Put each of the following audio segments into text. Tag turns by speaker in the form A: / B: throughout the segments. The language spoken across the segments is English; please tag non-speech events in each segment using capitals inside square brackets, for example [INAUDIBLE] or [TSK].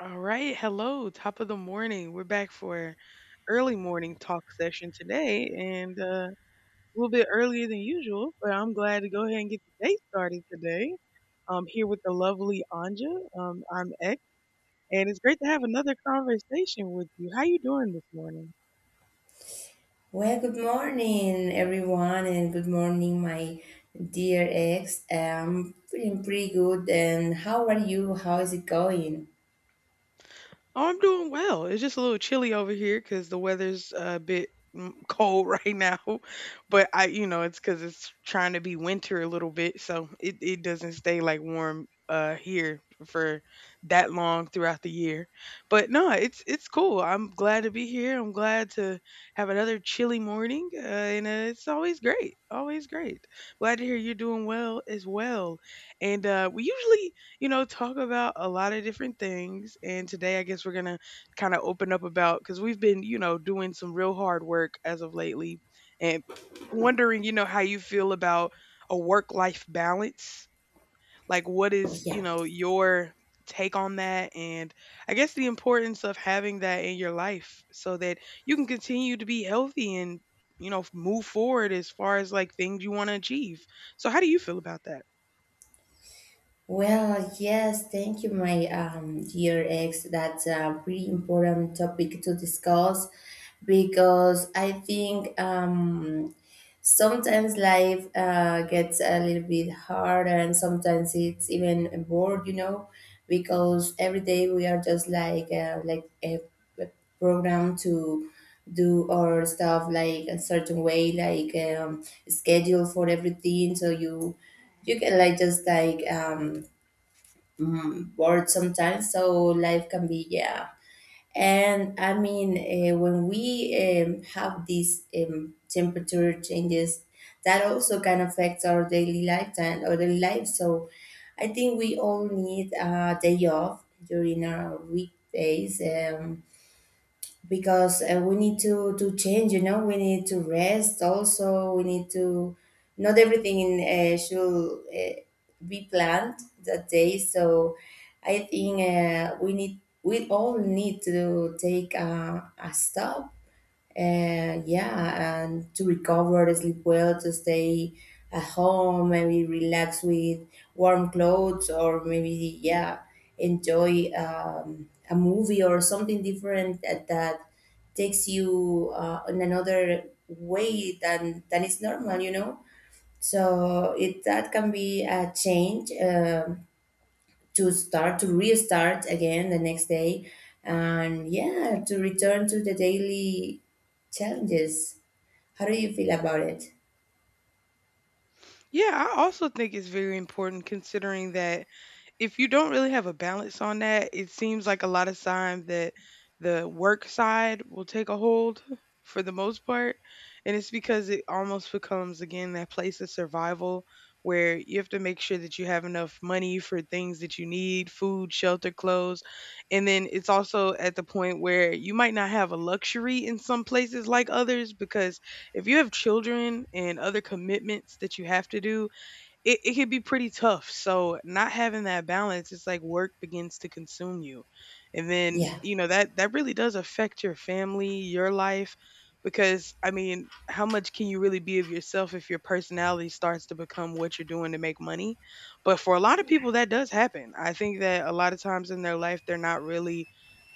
A: All right, hello, top of the morning. We're back for early morning talk session today, and a little bit earlier than usual. But I'm glad to go ahead and get the day started today. I'm here with the lovely Anja. I'm X, and it's great to have another conversation with you. How you doing this morning?
B: Well, good morning, everyone, and good morning, my dear ex. I'm feeling pretty good, and how are you? How is it going?
A: Oh, I'm doing well. It's just a little chilly over here because the weather's a bit cold [LAUGHS] right now. But I, you know, it's because it's trying to be winter a little bit, so it doesn't stay like warm here for that long throughout the year. But no, it's cool. I'm glad to be here. I'm glad to have another chilly morning, and it's always great. Always great. Glad to hear you're doing well as well. And we usually, you know, talk about a lot of different things. And today, I guess we're going to kind of open up about, because we've been, you know, doing some real hard work as of lately, and wondering, you know, how you feel about a work life balance. Like, what is, you
B: Yeah.
A: know, your take on that? And I guess the importance of having that in your life so that you can continue to be healthy and, you know, move forward as far as like things you want to achieve. So, how do you feel about that?
B: Well, yes, thank you, my dear ex. That's a pretty important topic to discuss because I think sometimes life gets a little bit hard and sometimes it's even bored, you know, because every day we are just like a program to do our stuff like a certain way, like schedule for everything, so you can like just like bored sometimes, so life can be, yeah. And I mean, when we have these temperature changes, that also can affect our daily lifetime our daily life. So I think we all need a day off during our weekdays, because we need to change, you know, we need to rest also. We need to not everything in should be planned that day. So I think we all need to take a stop, and yeah, and to recover, sleep well, to stay at home, maybe relax with warm clothes, or maybe yeah, enjoy a movie or something different, that takes you in another way than is normal, you know. So it, that can be a change, to start to restart again the next day, and yeah, to return to the daily challenges. How do you feel about it?
A: Yeah, I also think it's very important considering that if you don't really have a balance on that, it seems like a lot of time that the work side will take a hold for the most part. And it's because it almost becomes, again, that place of survival where you have to make sure that you have enough money for things that you need: food, shelter, clothes. And then it's also at the point where you might not have a luxury in some places like others because if you have children and other commitments that you have to do, it could be pretty tough. So not having that balance, it's like work begins to consume you. And then,
B: Yeah.
A: you know, that really does affect your family, your life, because I mean, how much can you really be of yourself if your personality starts to become what you're doing to make money? But for a lot of people that does happen. I think that a lot of times in their life they're not really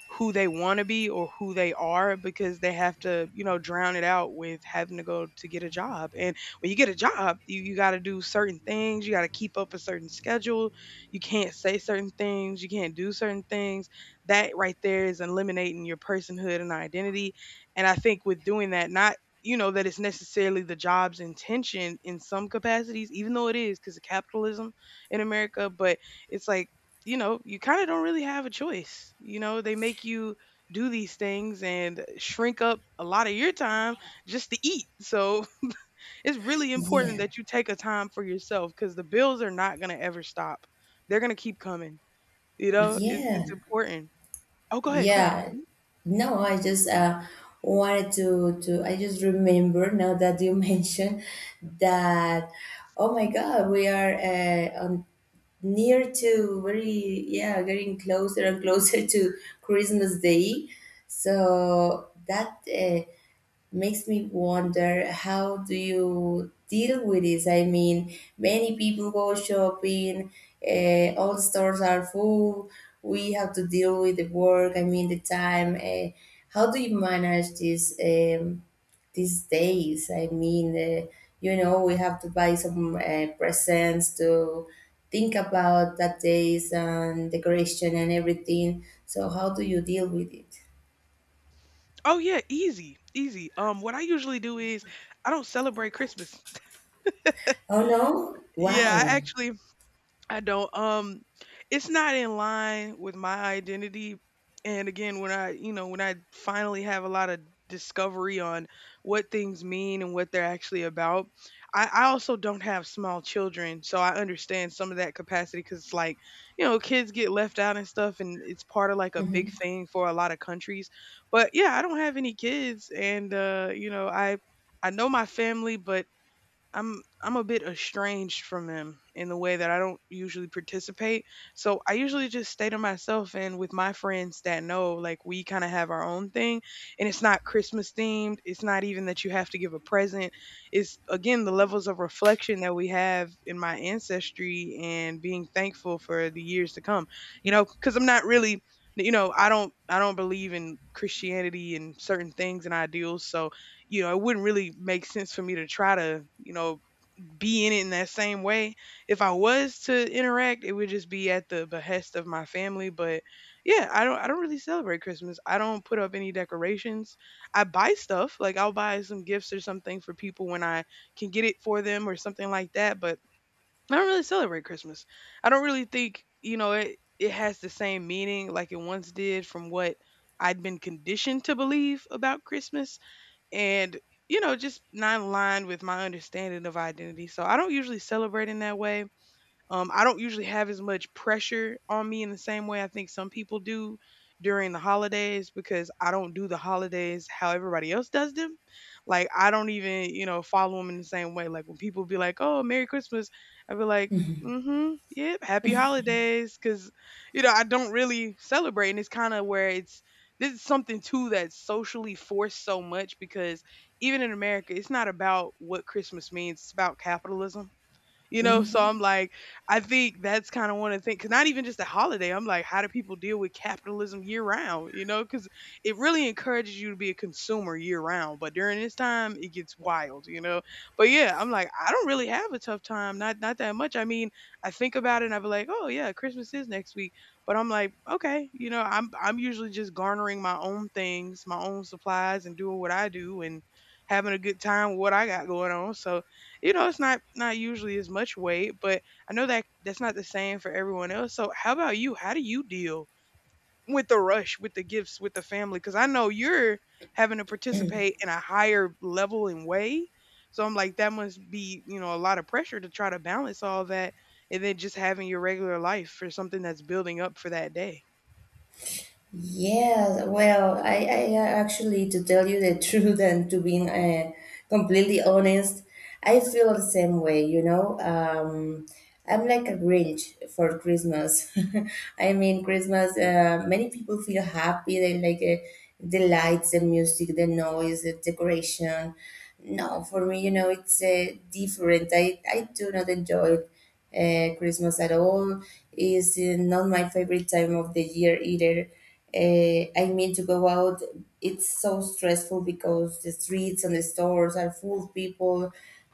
A: who they want to be or who they are because they have to, you know, drown it out with having to go to get a job. And when you get a job, you got to do certain things. You got to keep up a certain schedule. You can't say certain things. You can't do certain things. That right there is eliminating your personhood and identity. And I think with doing that, not, you know, that it's necessarily the job's intention in some capacities, even though it is because of capitalism in America. But it's like, you know, you kind of don't really have a choice. You know, they make you do these things and shrink up a lot of your time just to eat. So [LAUGHS] it's really important
B: Yeah.
A: that you take a time for yourself because the bills are not going to ever stop. They're going to keep coming. You know, it's,
B: Yeah.
A: it's important. Oh, go ahead. Go ahead.
B: Yeah, no, I just wanted to to. I just remember now that you [LAUGHS] mentioned that. Oh my God, we are on near to very yeah, getting closer and [LAUGHS] closer to Christmas Day. So that. Makes me wonder, how do you deal with this? I mean, many people go shopping, all stores are full. We have to deal with the work, I mean the time. How do you manage this, these days? I mean, you know, we have to buy some presents, to think about that days, and decoration and everything. So how do you deal with it?
A: Oh, yeah. Easy. Easy. What I usually do is I don't celebrate Christmas. [LAUGHS]
B: Oh no,
A: Yeah, I
B: why?
A: actually, I don't. It's not in line with my identity. And again, when I, you know, when I finally have a lot of discovery on what things mean and what they're actually about, I also don't have small children, so I understand some of that capacity because it's like, you know, kids get left out and stuff and it's part of like a big
B: Mm-hmm.
A: thing for a lot of countries. But yeah, I don't have any kids and you know, I know my family, but I'm a bit estranged from them in the way that I don't usually participate. So I usually just stay to myself and with my friends that know. Like we kind of have our own thing and it's not Christmas themed. It's not even that you have to give a present. It's again the levels of reflection that we have in my ancestry and being thankful for the years to come. You know, cuz I'm not really, you know, I don't believe in Christianity and certain things and ideals. So you know, it wouldn't really make sense for me to try to, you know, be in it in that same way. If I was to interact, it would just be at the behest of my family. But yeah, I don't really celebrate Christmas. I don't put up any decorations. I buy stuff. Like I'll buy some gifts or something for people when I can get it for them or something like that. But I don't really celebrate Christmas. I don't really think, you know, it has the same meaning like it once did from what I'd been conditioned to believe about Christmas. And you know, just not aligned with my understanding of identity, so I don't usually celebrate in that way. I don't usually have as much pressure on me in the same way I think some people do during the holidays because I don't do the holidays how everybody else does them. Like I don't even, you know, follow them in the same way. Like when people be like, "Oh, Merry Christmas," I be like, "Mm-hmm, yep, Happy Holidays," because you know I don't really celebrate, and it's kind of where it's, this is something too that's socially forced so much because even in America, it's not about what Christmas means; it's about capitalism. You know, so
B: Hmm.
A: I'm like, I think that's kind of one of the things, because not even just a holiday, I'm like, how do people deal with capitalism year round? You know, because it really encourages you to be a consumer year round, but during this time it gets wild, you know. But yeah, I'm like, I don't really have a tough time, not that much. I mean, I think about it and I'll be like, oh yeah, Christmas is next week. But I'm like, okay, you know, I'm usually just garnering my own things, my own supplies, and doing what I do and having a good time with what I got going on. So you know, it's not usually as much weight, but I know that that's not the same for everyone else. So how about you? How do you deal with the rush, with the gifts, with the family? Because I know you're having to participate in a higher level and way. So I'm like, that must be, you know, a lot of pressure to try to balance all that, and then just having your regular life for something that's building up for that day.
B: Yeah, well, I actually, to tell you the [LAUGHS] truth and to be completely honest, I feel the same way, you know. I'm like a Grinch for Christmas. [LAUGHS] I mean, Christmas, many people feel happy. They like the lights, the music, the noise, the decoration. No, for me, you know, it's different. I do not enjoy Christmas at all. It's not my favorite time of the year either. I mean, to go out, it's so stressful because the streets and the stores are full of people.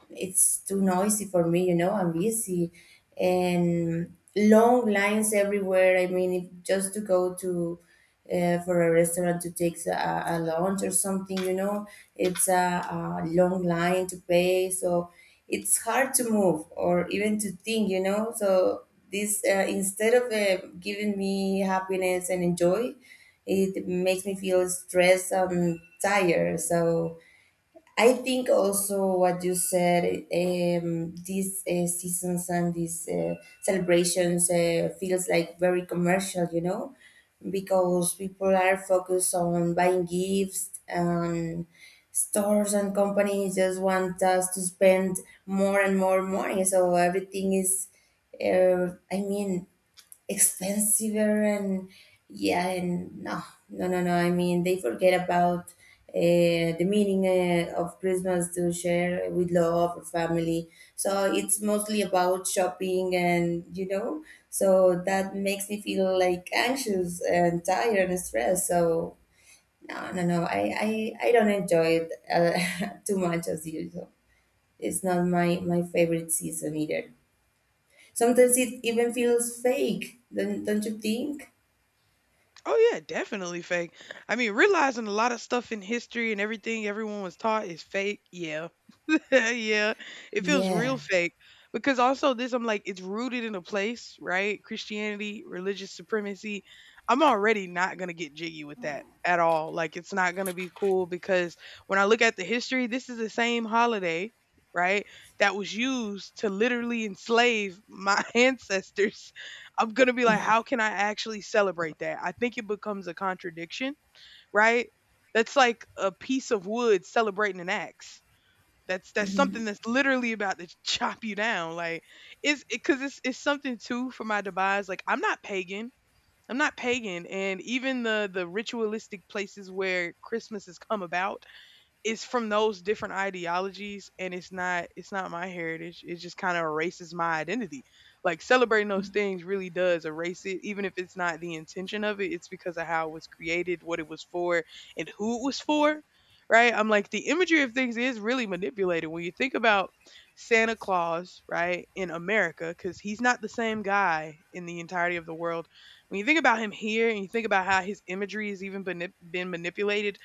B: It's too noisy for me, you know, I'm busy. And long lines everywhere. I mean, it, just to go to for a restaurant to take a lunch or something, you know, it's a long line to pay. So it's hard to move or even to think, you know. So this, instead of giving me happiness and enjoy, it makes me feel stressed and tired. So I think also what you said, these seasons and these celebrations feels like very commercial, you know, because people are focused on buying gifts, and stores and companies just want us to spend more and more money. So everything is, I mean, expensive. And yeah, and no, no, no, no, I mean, they forget about the meaning of Christmas, to share with love or family. So it's mostly about shopping and you know. So that makes me feel like anxious and tired and stressed. So no, no, no, I don't enjoy it [LAUGHS] too much as usual. It's not my favorite season either. Sometimes it even feels fake, don't you think?
A: Oh yeah, definitely fake. I mean, realizing a lot of stuff in history and everything everyone was taught is fake. Yeah. [LAUGHS] Yeah. It feels
B: Yeah.
A: real fake because also this, I'm like, it's rooted in a place, right? Christianity, religious supremacy. I'm already not going to get jiggy with that at all. Like it's not going to be cool because when I look at the history, this is the same holiday, right? That was used to literally enslave my [LAUGHS] ancestors. I'm going to be like, how can I actually celebrate that? I think it becomes a contradiction, right? That's like a piece of wood celebrating an axe. That's
B: Hmm.
A: something that's literally about to [LAUGHS] chop you down. Like, it's because it's something too for my demise. Like, I'm not pagan. I'm not pagan, and even the ritualistic places where Christmas has come about, it's from those different ideologies, and it's not, it's not my heritage. It just kind of erases my identity. Like celebrating those things really does erase it, even if it's not the intention of it. It's because of how it was created, what it was for, and who it was for, right? I'm like, the imagery of things is really manipulated when you think about Santa Claus, right, in America, because he's not the same guy in the entirety of the world. When you think about him here, and you think about how his imagery has even been manipulated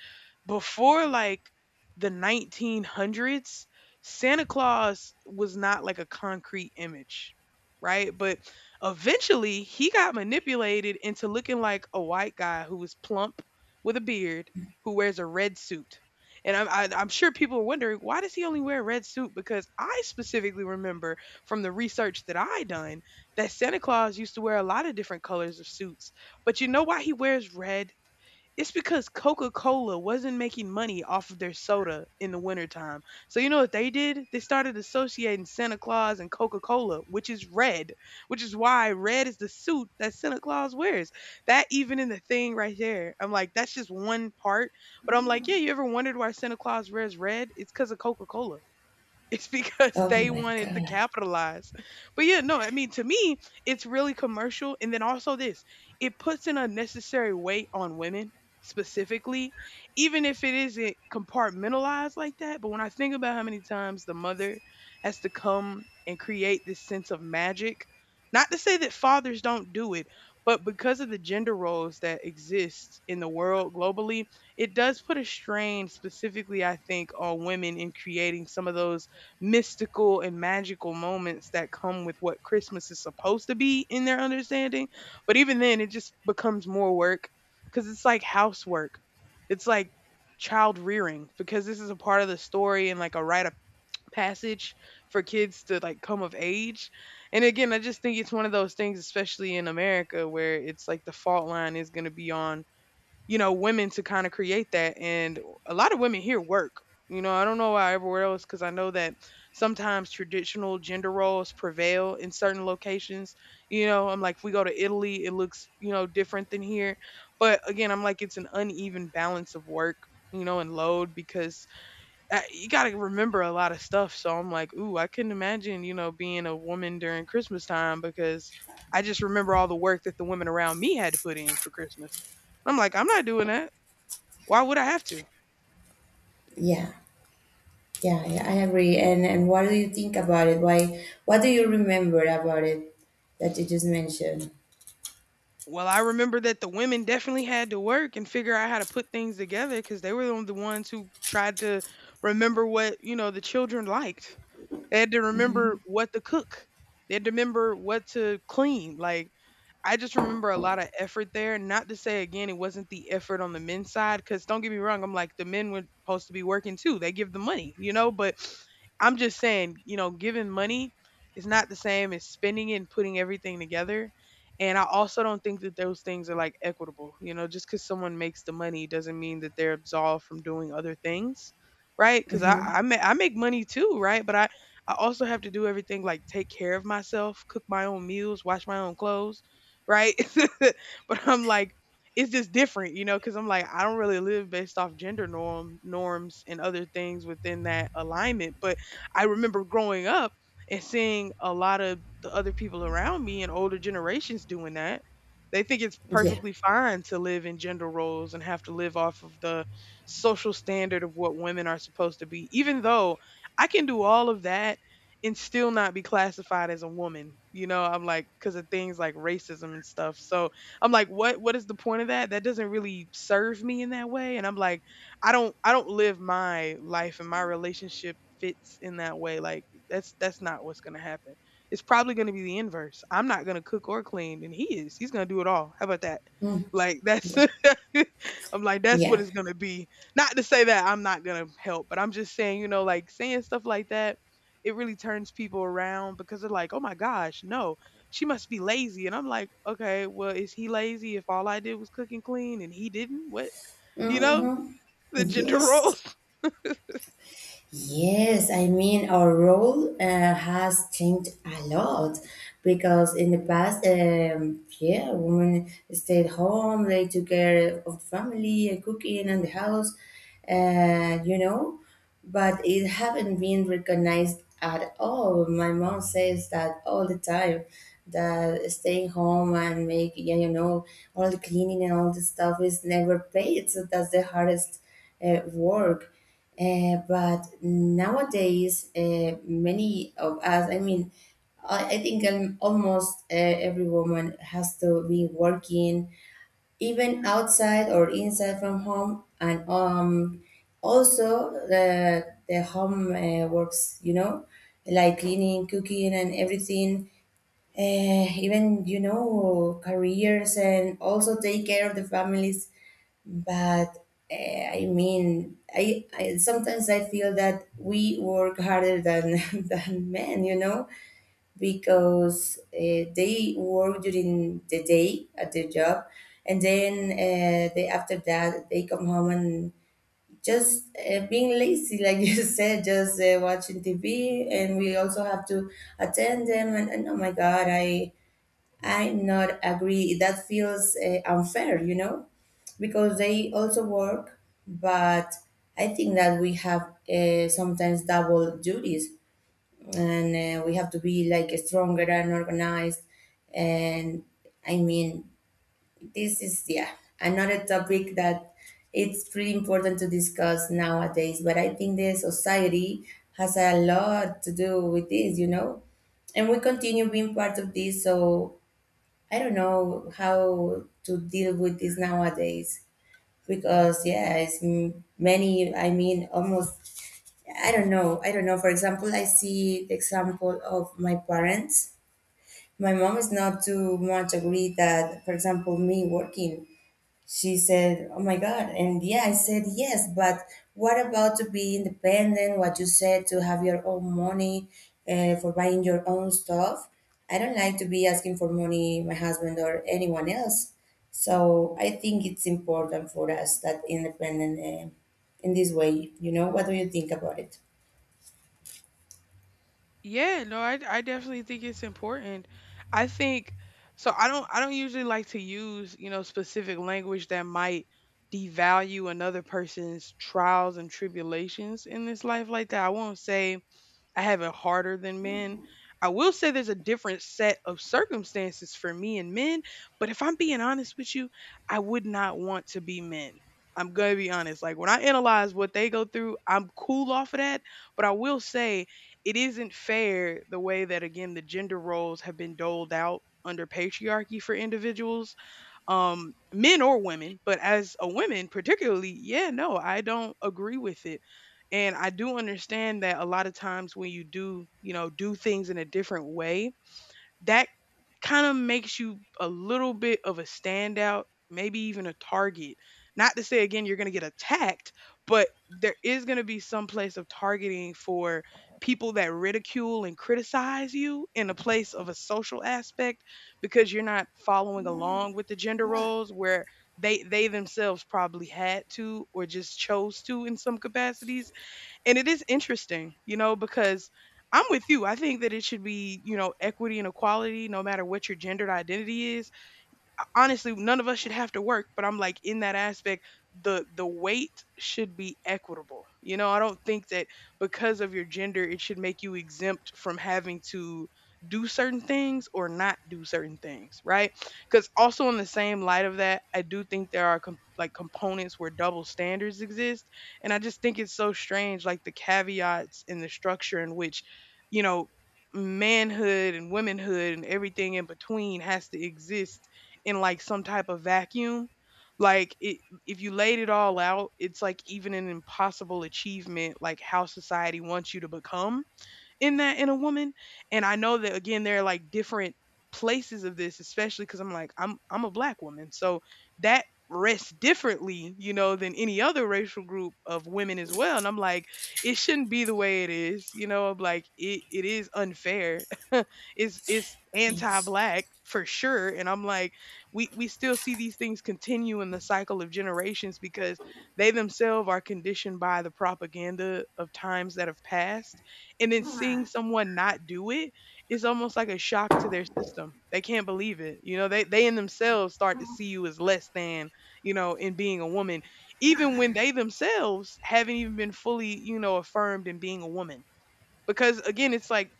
A: before, like the 1900s, Santa Claus was not like a concrete image, right? But eventually he got manipulated into looking like a white guy who was plump with a beard who wears a red suit. And I'm, I, I'm sure people are wondering, why does he only wear a red suit? Because I specifically remember from the research that I done that Santa Claus used to wear a lot of different colors of suits. But you know why he wears red? It's because Coca-Cola wasn't making money off of their soda in the wintertime. So you know what they did? They started associating Santa Claus and Coca-Cola, which is red, which is why red is the suit that Santa Claus wears. That even in the thing right there. I'm like, that's just one part. But I'm like, yeah, you ever wondered why Santa Claus wears red? It's because of Coca-Cola. It's because [LAUGHS]
B: Oh
A: they
B: my
A: wanted to
B: God.
A: capitalize. But yeah, no, I mean, to me, it's really commercial. And then also this, it puts an unnecessary weight on women specifically, even if it isn't compartmentalized like that. But when I think about how many times the mother has to come and create this sense of magic, not to say that fathers don't do it, but because of the gender roles that exist in the world globally, it does put a strain specifically, I think, on women in creating some of those mystical and magical moments that come with what Christmas is supposed to be in their understanding. But even then, it just becomes more work because it's like housework. It's like child rearing because this is a part of the story and like a rite of passage for kids to like come of age. And again, I just think it's one of those things, especially in America, where it's like the fault line is going to be on women to kind of create that. And a lot of women here work. You know, I don't know why everywhere else, because I know that sometimes traditional gender roles prevail in certain locations. You know, I'm like, if we go to Italy, it looks, different than here. But again, I'm like, it's an uneven balance of work, and load because you got to remember a lot of stuff. So I'm like, ooh, I couldn't imagine, being a woman during Christmas time because I just remember all the work that the women around me had to put in for Christmas. I'm like, I'm not doing that. Why would I have to?
B: Yeah. Yeah, yeah, I agree. And what do you think about it? Why? What do you remember about it that you just mentioned?
A: Well, I remember that the women definitely had to work and figure out how to put things together because they were the ones who tried to remember what, the children liked. They had to remember what to cook. They had to remember what to clean. Like, I just remember a lot of effort there. Not to say again, it wasn't the effort on the men's side, because don't get me wrong, I'm like the men were supposed to be working too. They give the money, you know. But I'm just saying, giving money is not the same as spending it and putting everything together. And I also don't think that those things are like equitable. You know, just because someone makes the money doesn't mean that they're absolved from doing other things, right? Because I
B: Mm-hmm.
A: I, ma- I make money too, right? But I also have to do everything like take care of myself, cook my own meals, wash my own clothes right? [LAUGHS] But I'm like, it's just different, you know, because I'm like, I don't really live based off gender norms and other things within that alignment. But I remember growing up and seeing a lot of the other people around me and older generations doing that. They think it's
B: Yeah.
A: perfectly fine to live in gender roles and have to live off of the social standard of what women are supposed to be, even though I can do all of that and still not be classified as a woman. You know, I'm like because of things like racism and stuff. So I'm like, what is the point of that? That doesn't really serve me in that way. And I'm like, I don't live my life and my relationship fits in that way. Like that's not what's gonna happen. It's probably gonna be the inverse. I'm not gonna cook or clean, and he is. He's gonna do it all. How about that?
B: Mm,
A: Like that's
B: yeah.
A: [LAUGHS] I'm like, that's what
B: Yeah.
A: it's gonna be. Not to say that I'm not gonna help, but I'm just saying, like saying stuff like that it really turns people around because they're like, oh my gosh, no, she must be lazy. And I'm like, okay, well, is he lazy if all I did was cook and clean and he didn't? What? You know,
B: Mm-hmm.
A: the gender roles.
B: Yes.
A: [LAUGHS]
B: Yes, I mean, our role has changed a lot, because in the past, yeah, women stayed home, they took care of the family, and cooking, and the house, you know, but it haven't been recognized at all. My mom says that all the time, that staying home and make, yeah, you know, all the cleaning and all the stuff is never paid. So that's the hardest work. But nowadays, many of us, I mean, I think almost every woman has to be working, even outside or inside from home, and also the home works, you know, like cleaning, cooking, and everything. Even, you know, careers, and also take care of the families. But I mean, I sometimes I feel that we work harder than [LAUGHS] than men, you know, because they work during the day at their job, and then they after that they come home, and just being lazy, [LAUGHS] like you said, just watching TV, and we also have to attend them, and oh my God, I not agree. That feels unfair, you know, because they also work. But I think that we have sometimes double duties, and we have to be like stronger and organized. And I mean, this is, yeah, another topic that it's pretty important to discuss nowadays. But I think the society has a lot to do with this, you know, and we continue being part of this. So I don't know how to deal with this nowadays, because yeah, it's m- many. I mean, almost. I don't know. I don't know. For example, I see the example of my parents. My mom is not too much agree that, for example, me working. She said, oh my God. And yeah, I said, yes, but what about to be independent? What you said, to have your own money for buying your own stuff? I don't like to be asking for money, my husband or anyone else. So I think it's important for us that independent in this way. You know, what do you think about it?
A: Yeah, no, I definitely think it's important. I think so I don't usually like to use, specific language that might devalue another person's trials and tribulations in this life like that. I won't say I have it harder than men. I will say there's a different set of circumstances for me and men, but if I'm being honest with you, I would not want to be men. I'm going to be honest. Like when I analyze what they go through, I'm cool off of that, but I will say it isn't fair the way that again the gender roles have been doled out under patriarchy for individuals men or women, but as a woman particularly, yeah, no, I don't agree with it. And I do understand that a lot of times when you do, do things in a different way that kind of makes you a little bit of a standout, maybe even a target. Not to say again you're going to get attacked, but there is going to be some place of targeting for people that ridicule and criticize you in a place of a social aspect because you're not following along with the gender roles where they themselves probably had to or just chose to in some capacities. And it is interesting, you know, because I'm with you. I think that it should be, you know, equity and equality no matter what your gendered identity is. Honestly, none of us should have to work, but I'm like, in that aspect, the weight should be equitable. You know, I don't think that because of your gender it should make you exempt from having to do certain things or not do certain things, right? Because also in the same light of that, I do think there are like components where double standards exist. And I just think it's so strange, like the caveats and the structure in which, you know, manhood and womanhood and everything in between has to exist in like some type of vacuum. Like it, if you laid it all out, it's like even an impossible achievement, like how society wants you to become in that, in a woman. And I know that again, there are like different places of this, especially because I'm like, I'm a black woman. So that rests differently, you know, than any other racial group of women as well. And I'm like, it shouldn't be the way it is, you know, I'm like it is unfair. [LAUGHS] It's
B: Yes.
A: anti-black for sure. And I'm like, we still see these things continue in the cycle of generations because they themselves are conditioned by the propaganda of times that have passed. And then seeing someone not do it is almost like a shock to their system. They can't believe it. You know, they in themselves start to see you as less than, you know, in being a woman, even when they themselves haven't even been fully, you know, affirmed in being a woman. Because again, it's like,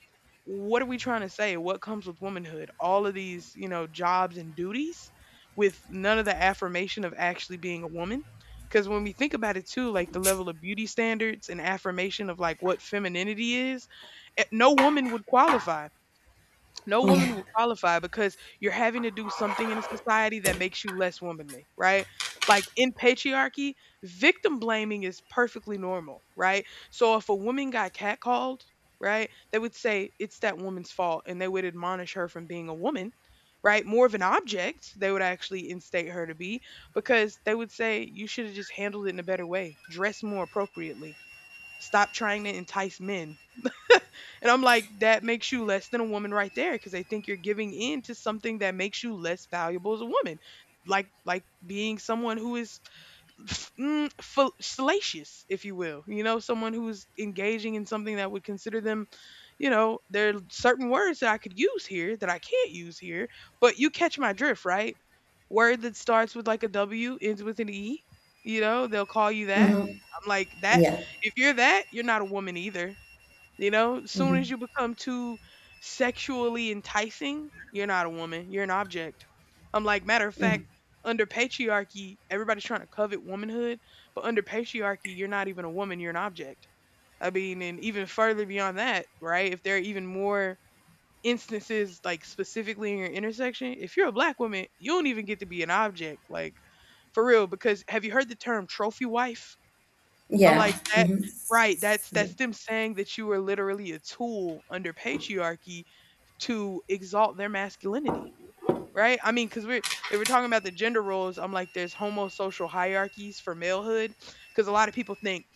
A: what are we trying to say? What comes with womanhood? All of these, you know, jobs and duties with none of the affirmation of actually being a woman. Because when we think about it too, like the level of beauty standards and affirmation of like what femininity is, eh, no
B: Yeah.
A: woman would qualify because you're having to do something in a society that makes you less womanly, right? Like in patriarchy, victim blaming is perfectly normal, right? So if a woman got catcalled, right, they would say it's that woman's fault and they would admonish her from being a woman, right? More of an object, they would actually instate her to be because they would say you should have just handled it in a better way, dress more appropriately, stop trying to entice men. And I'm like, that makes you less than a woman right there because they think you're giving in to something that makes you less valuable as a woman. Like being someone who is salacious, if you will, someone who's engaging in something that would consider them. There are certain words that I could use here that I can't use here, but you catch my drift, right? Word that starts with like a W ends with an E, you know, they'll call you that.
B: Mm-hmm.
A: I'm like that.
B: Yeah.
A: If you're that, you're not a woman either. You know, soon as
B: Mm-hmm.
A: you become too sexually enticing, you're not a woman. You're an object. I'm like, matter of fact, under patriarchy, everybody's trying to covet womanhood, but under patriarchy, you're not even a woman. You're an object. I mean, and even further beyond that, right? If there are even more instances, like specifically in your intersection, if you're a black woman, you don't even get to be an object. Like, for real, because have you heard the term trophy wife? I'm
B: Yeah.
A: like, "That
B: Mm-hmm.
A: right, that's
B: Yeah.
A: that's them saying that you are literally a tool under patriarchy to exalt their masculinity." Right? I mean, because we're if we're talking about the gender roles, I'm like, there's homosocial hierarchies for malehood, because a lot of people think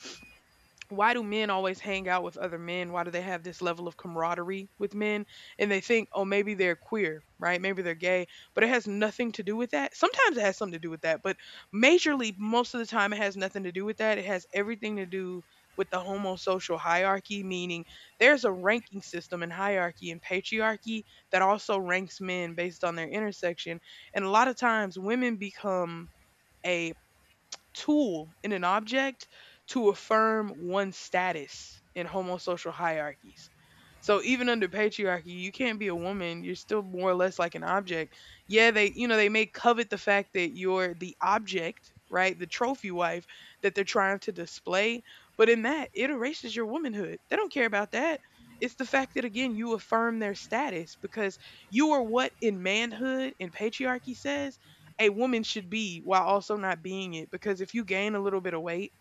A: why do men always hang out with other men? Why do they have this level of camaraderie with men? And they think, oh, maybe they're queer, right? Maybe they're gay, but it has nothing to do with that. Sometimes it has something to do with that, but majorly, most of the time, it has nothing to do with that. It has everything to do with the homosocial hierarchy, meaning there's a ranking system and hierarchy and patriarchy that also ranks men based on their intersection. And a lot of times, women become a tool in an object to affirm one's status in homosocial hierarchies. So even under patriarchy, you can't be a woman. You're still more or less like an object. Yeah, they, you know, they may covet the fact that you're the object, right? The trophy wife that they're trying to display, but in that it erases your womanhood. They don't care about that. It's the fact that again you affirm their status because you are what in manhood and patriarchy says a woman should be while also not being it. Because if you gain a little bit of weight,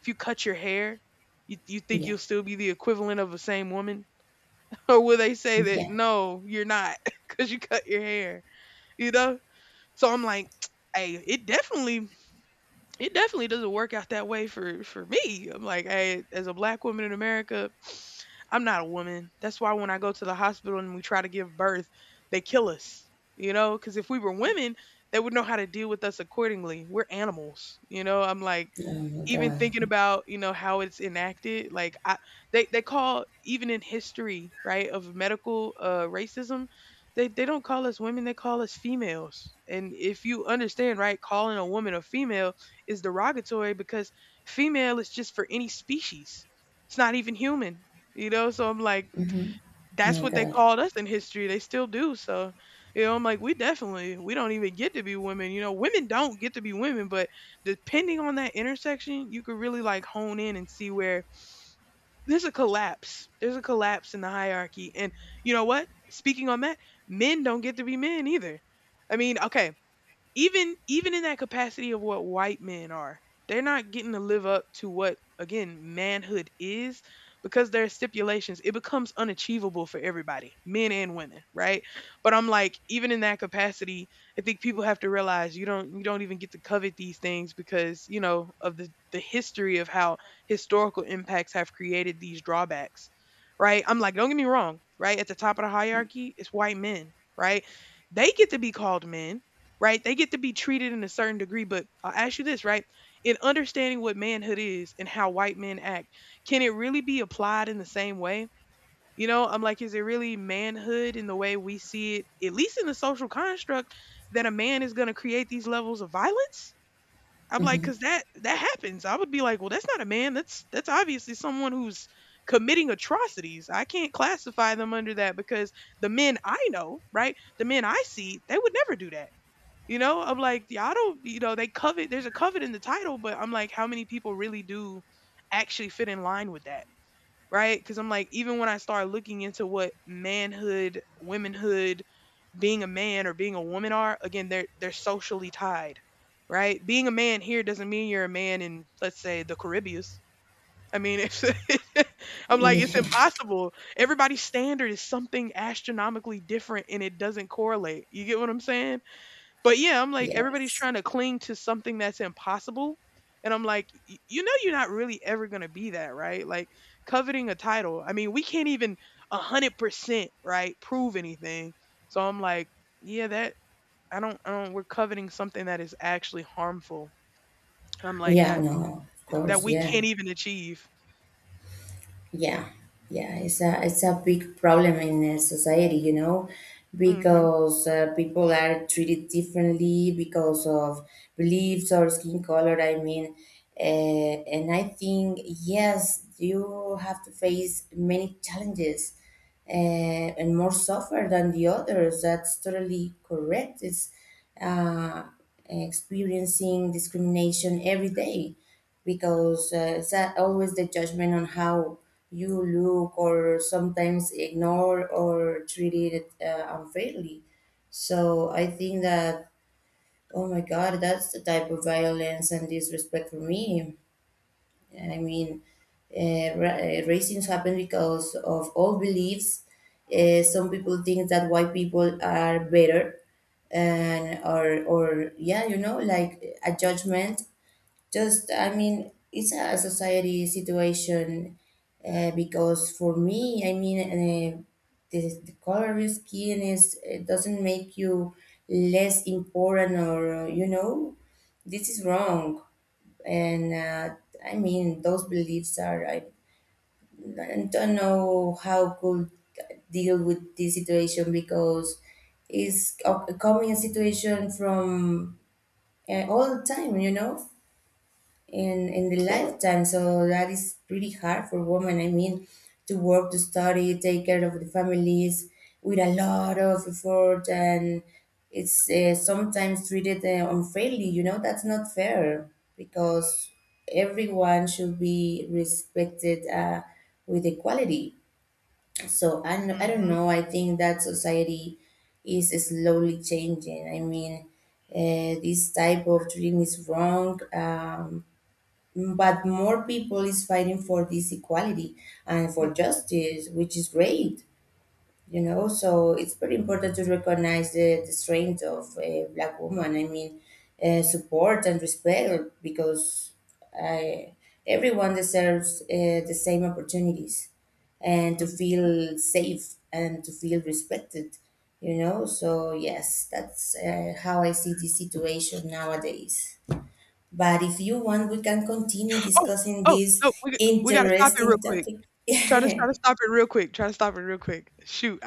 A: if you cut your hair, you think
B: Yeah.
A: you'll still be the equivalent of the same woman? [LAUGHS] Or will they say that,
B: Yeah.
A: no, you're not [LAUGHS] because you cut your hair, you know? So I'm like, [TSK] hey, it definitely doesn't work out that way for me. I'm like, hey, as a black woman in America, I'm not a woman. That's why when I go to the hospital and we try to give birth, they kill us. You know, because if we were women, they would know how to deal with us accordingly. We're animals. You know, I'm like,
B: Oh my
A: even thinking
B: God.
A: about you know how it's enacted like I They call, even in history, right, of medical racism, they don't call us women, they call us females, and if you understand, right, calling a woman a female is derogatory because female is just for any species. It's not even human, you know? So I'm like,
B: Mm-hmm.
A: that's
B: My
A: what they
B: God.
A: called us in history. They still do. So, you know, I'm like, we definitely, we don't even get to be women. You know, women don't get to be women, but depending on that intersection, you could really like hone in and see where there's a collapse. There's a collapse in the hierarchy. And you know what? Speaking on that, men don't get to be men either. I mean, okay, even in that capacity of what white men are, they're not getting to live up to what, again, manhood is, because there are stipulations. It becomes unachievable for everybody, men and women, right? But I'm like, even in that capacity, I think people have to realize you don't, you don't even get to covet these things because, you know, of the history of how historical impacts have created these drawbacks, right? I'm like, don't get me wrong, right, at the top of the hierarchy, it's white men, right? They get to be called men, right? They get to be treated in a certain degree, but I'll ask you this, right? In understanding what manhood is and how white men act, can it really be applied in the same way? You know, I'm like, is it really manhood in the way we see it, at least in the social construct, that a man is going to create these levels of violence? I'm like,
B: Mhm.
A: because that happens. I would be like, well, that's not a man. That's obviously someone who's committing atrocities. I can't classify them under that because the men I know, right? The men I see, they would never do that. You know, I'm like, y'all don't, you know, they covet, there's a covet in the title, but I'm like, how many people really do actually fit in line with that? Right. Cause I'm like, even when I start looking into what manhood, womanhood, being a man or being a woman are, again, they're socially tied. Right. Being a man here doesn't mean you're a man in, let's say, the Caribbean. I mean, it's, [LAUGHS] I'm like, it's
B: Yeah. [LAUGHS]
A: impossible. Everybody's standard is something astronomically different and it doesn't correlate. You get what I'm saying? But yeah, I'm like, everybody's
B: Yes.
A: trying to cling to something that's impossible. And I'm like, "Y- you know, you're not really ever going to be that, right? Like coveting a title. I mean, we can't even 100%, right? Prove anything. So I'm like, yeah, that I don't, we're coveting something that is actually harmful. I'm like
B: Yeah,
A: that,
B: no, of
A: that
B: course.
A: we
B: Yeah.
A: can't even achieve.
B: Yeah. Yeah, it's a, it's a big problem in society, you know,
A: Mm-hmm.
B: because people are treated differently because of beliefs or skin color, I mean. And I think yes, you have to face many challenges, uh, and more suffer than the others. That's totally correct. It's uh, experiencing discrimination every day, because always the judgment on how you look, or sometimes ignore or treated unfairly. So I think that, oh my God, that's the type of violence and disrespect for me. I mean, racism happens because of old beliefs. Some people think that white people are better, and, or yeah, you know, like a judgment. Just I mean, it's a society situation. Because for me, I mean, the color of your skin is, it doesn't make you less important, or you know, this is wrong. And I mean, those beliefs are, I don't know how could deal with this situation, because coming a common situation from all the time, you know, in the lifetime. So that is pretty hard for women. I mean, to work, to study, take care of the families with a lot of effort, and it's sometimes treated unfairly. You know, that's not fair, because everyone should be respected with equality. So I don't
A: Mm-hmm.
B: know. I think that society is slowly changing. I mean, this type of dream is wrong. But more people is fighting for this equality and for justice, which is great, you know. So it's very important to recognize the strength of a black woman. I mean, support and respect, because uh, everyone deserves the same opportunities, and to
A: Hmm.
B: feel safe and to feel respected, you know. So yes, that's how I see the situation nowadays. But if you want, we can continue
A: Oh,
B: discussing
A: oh, no,
B: this
A: we got to stop it real
B: interesting
A: quick.
B: topic.
A: Try to
B: [LAUGHS]
A: stop it real quick. Try to stop it real quick. Shoot.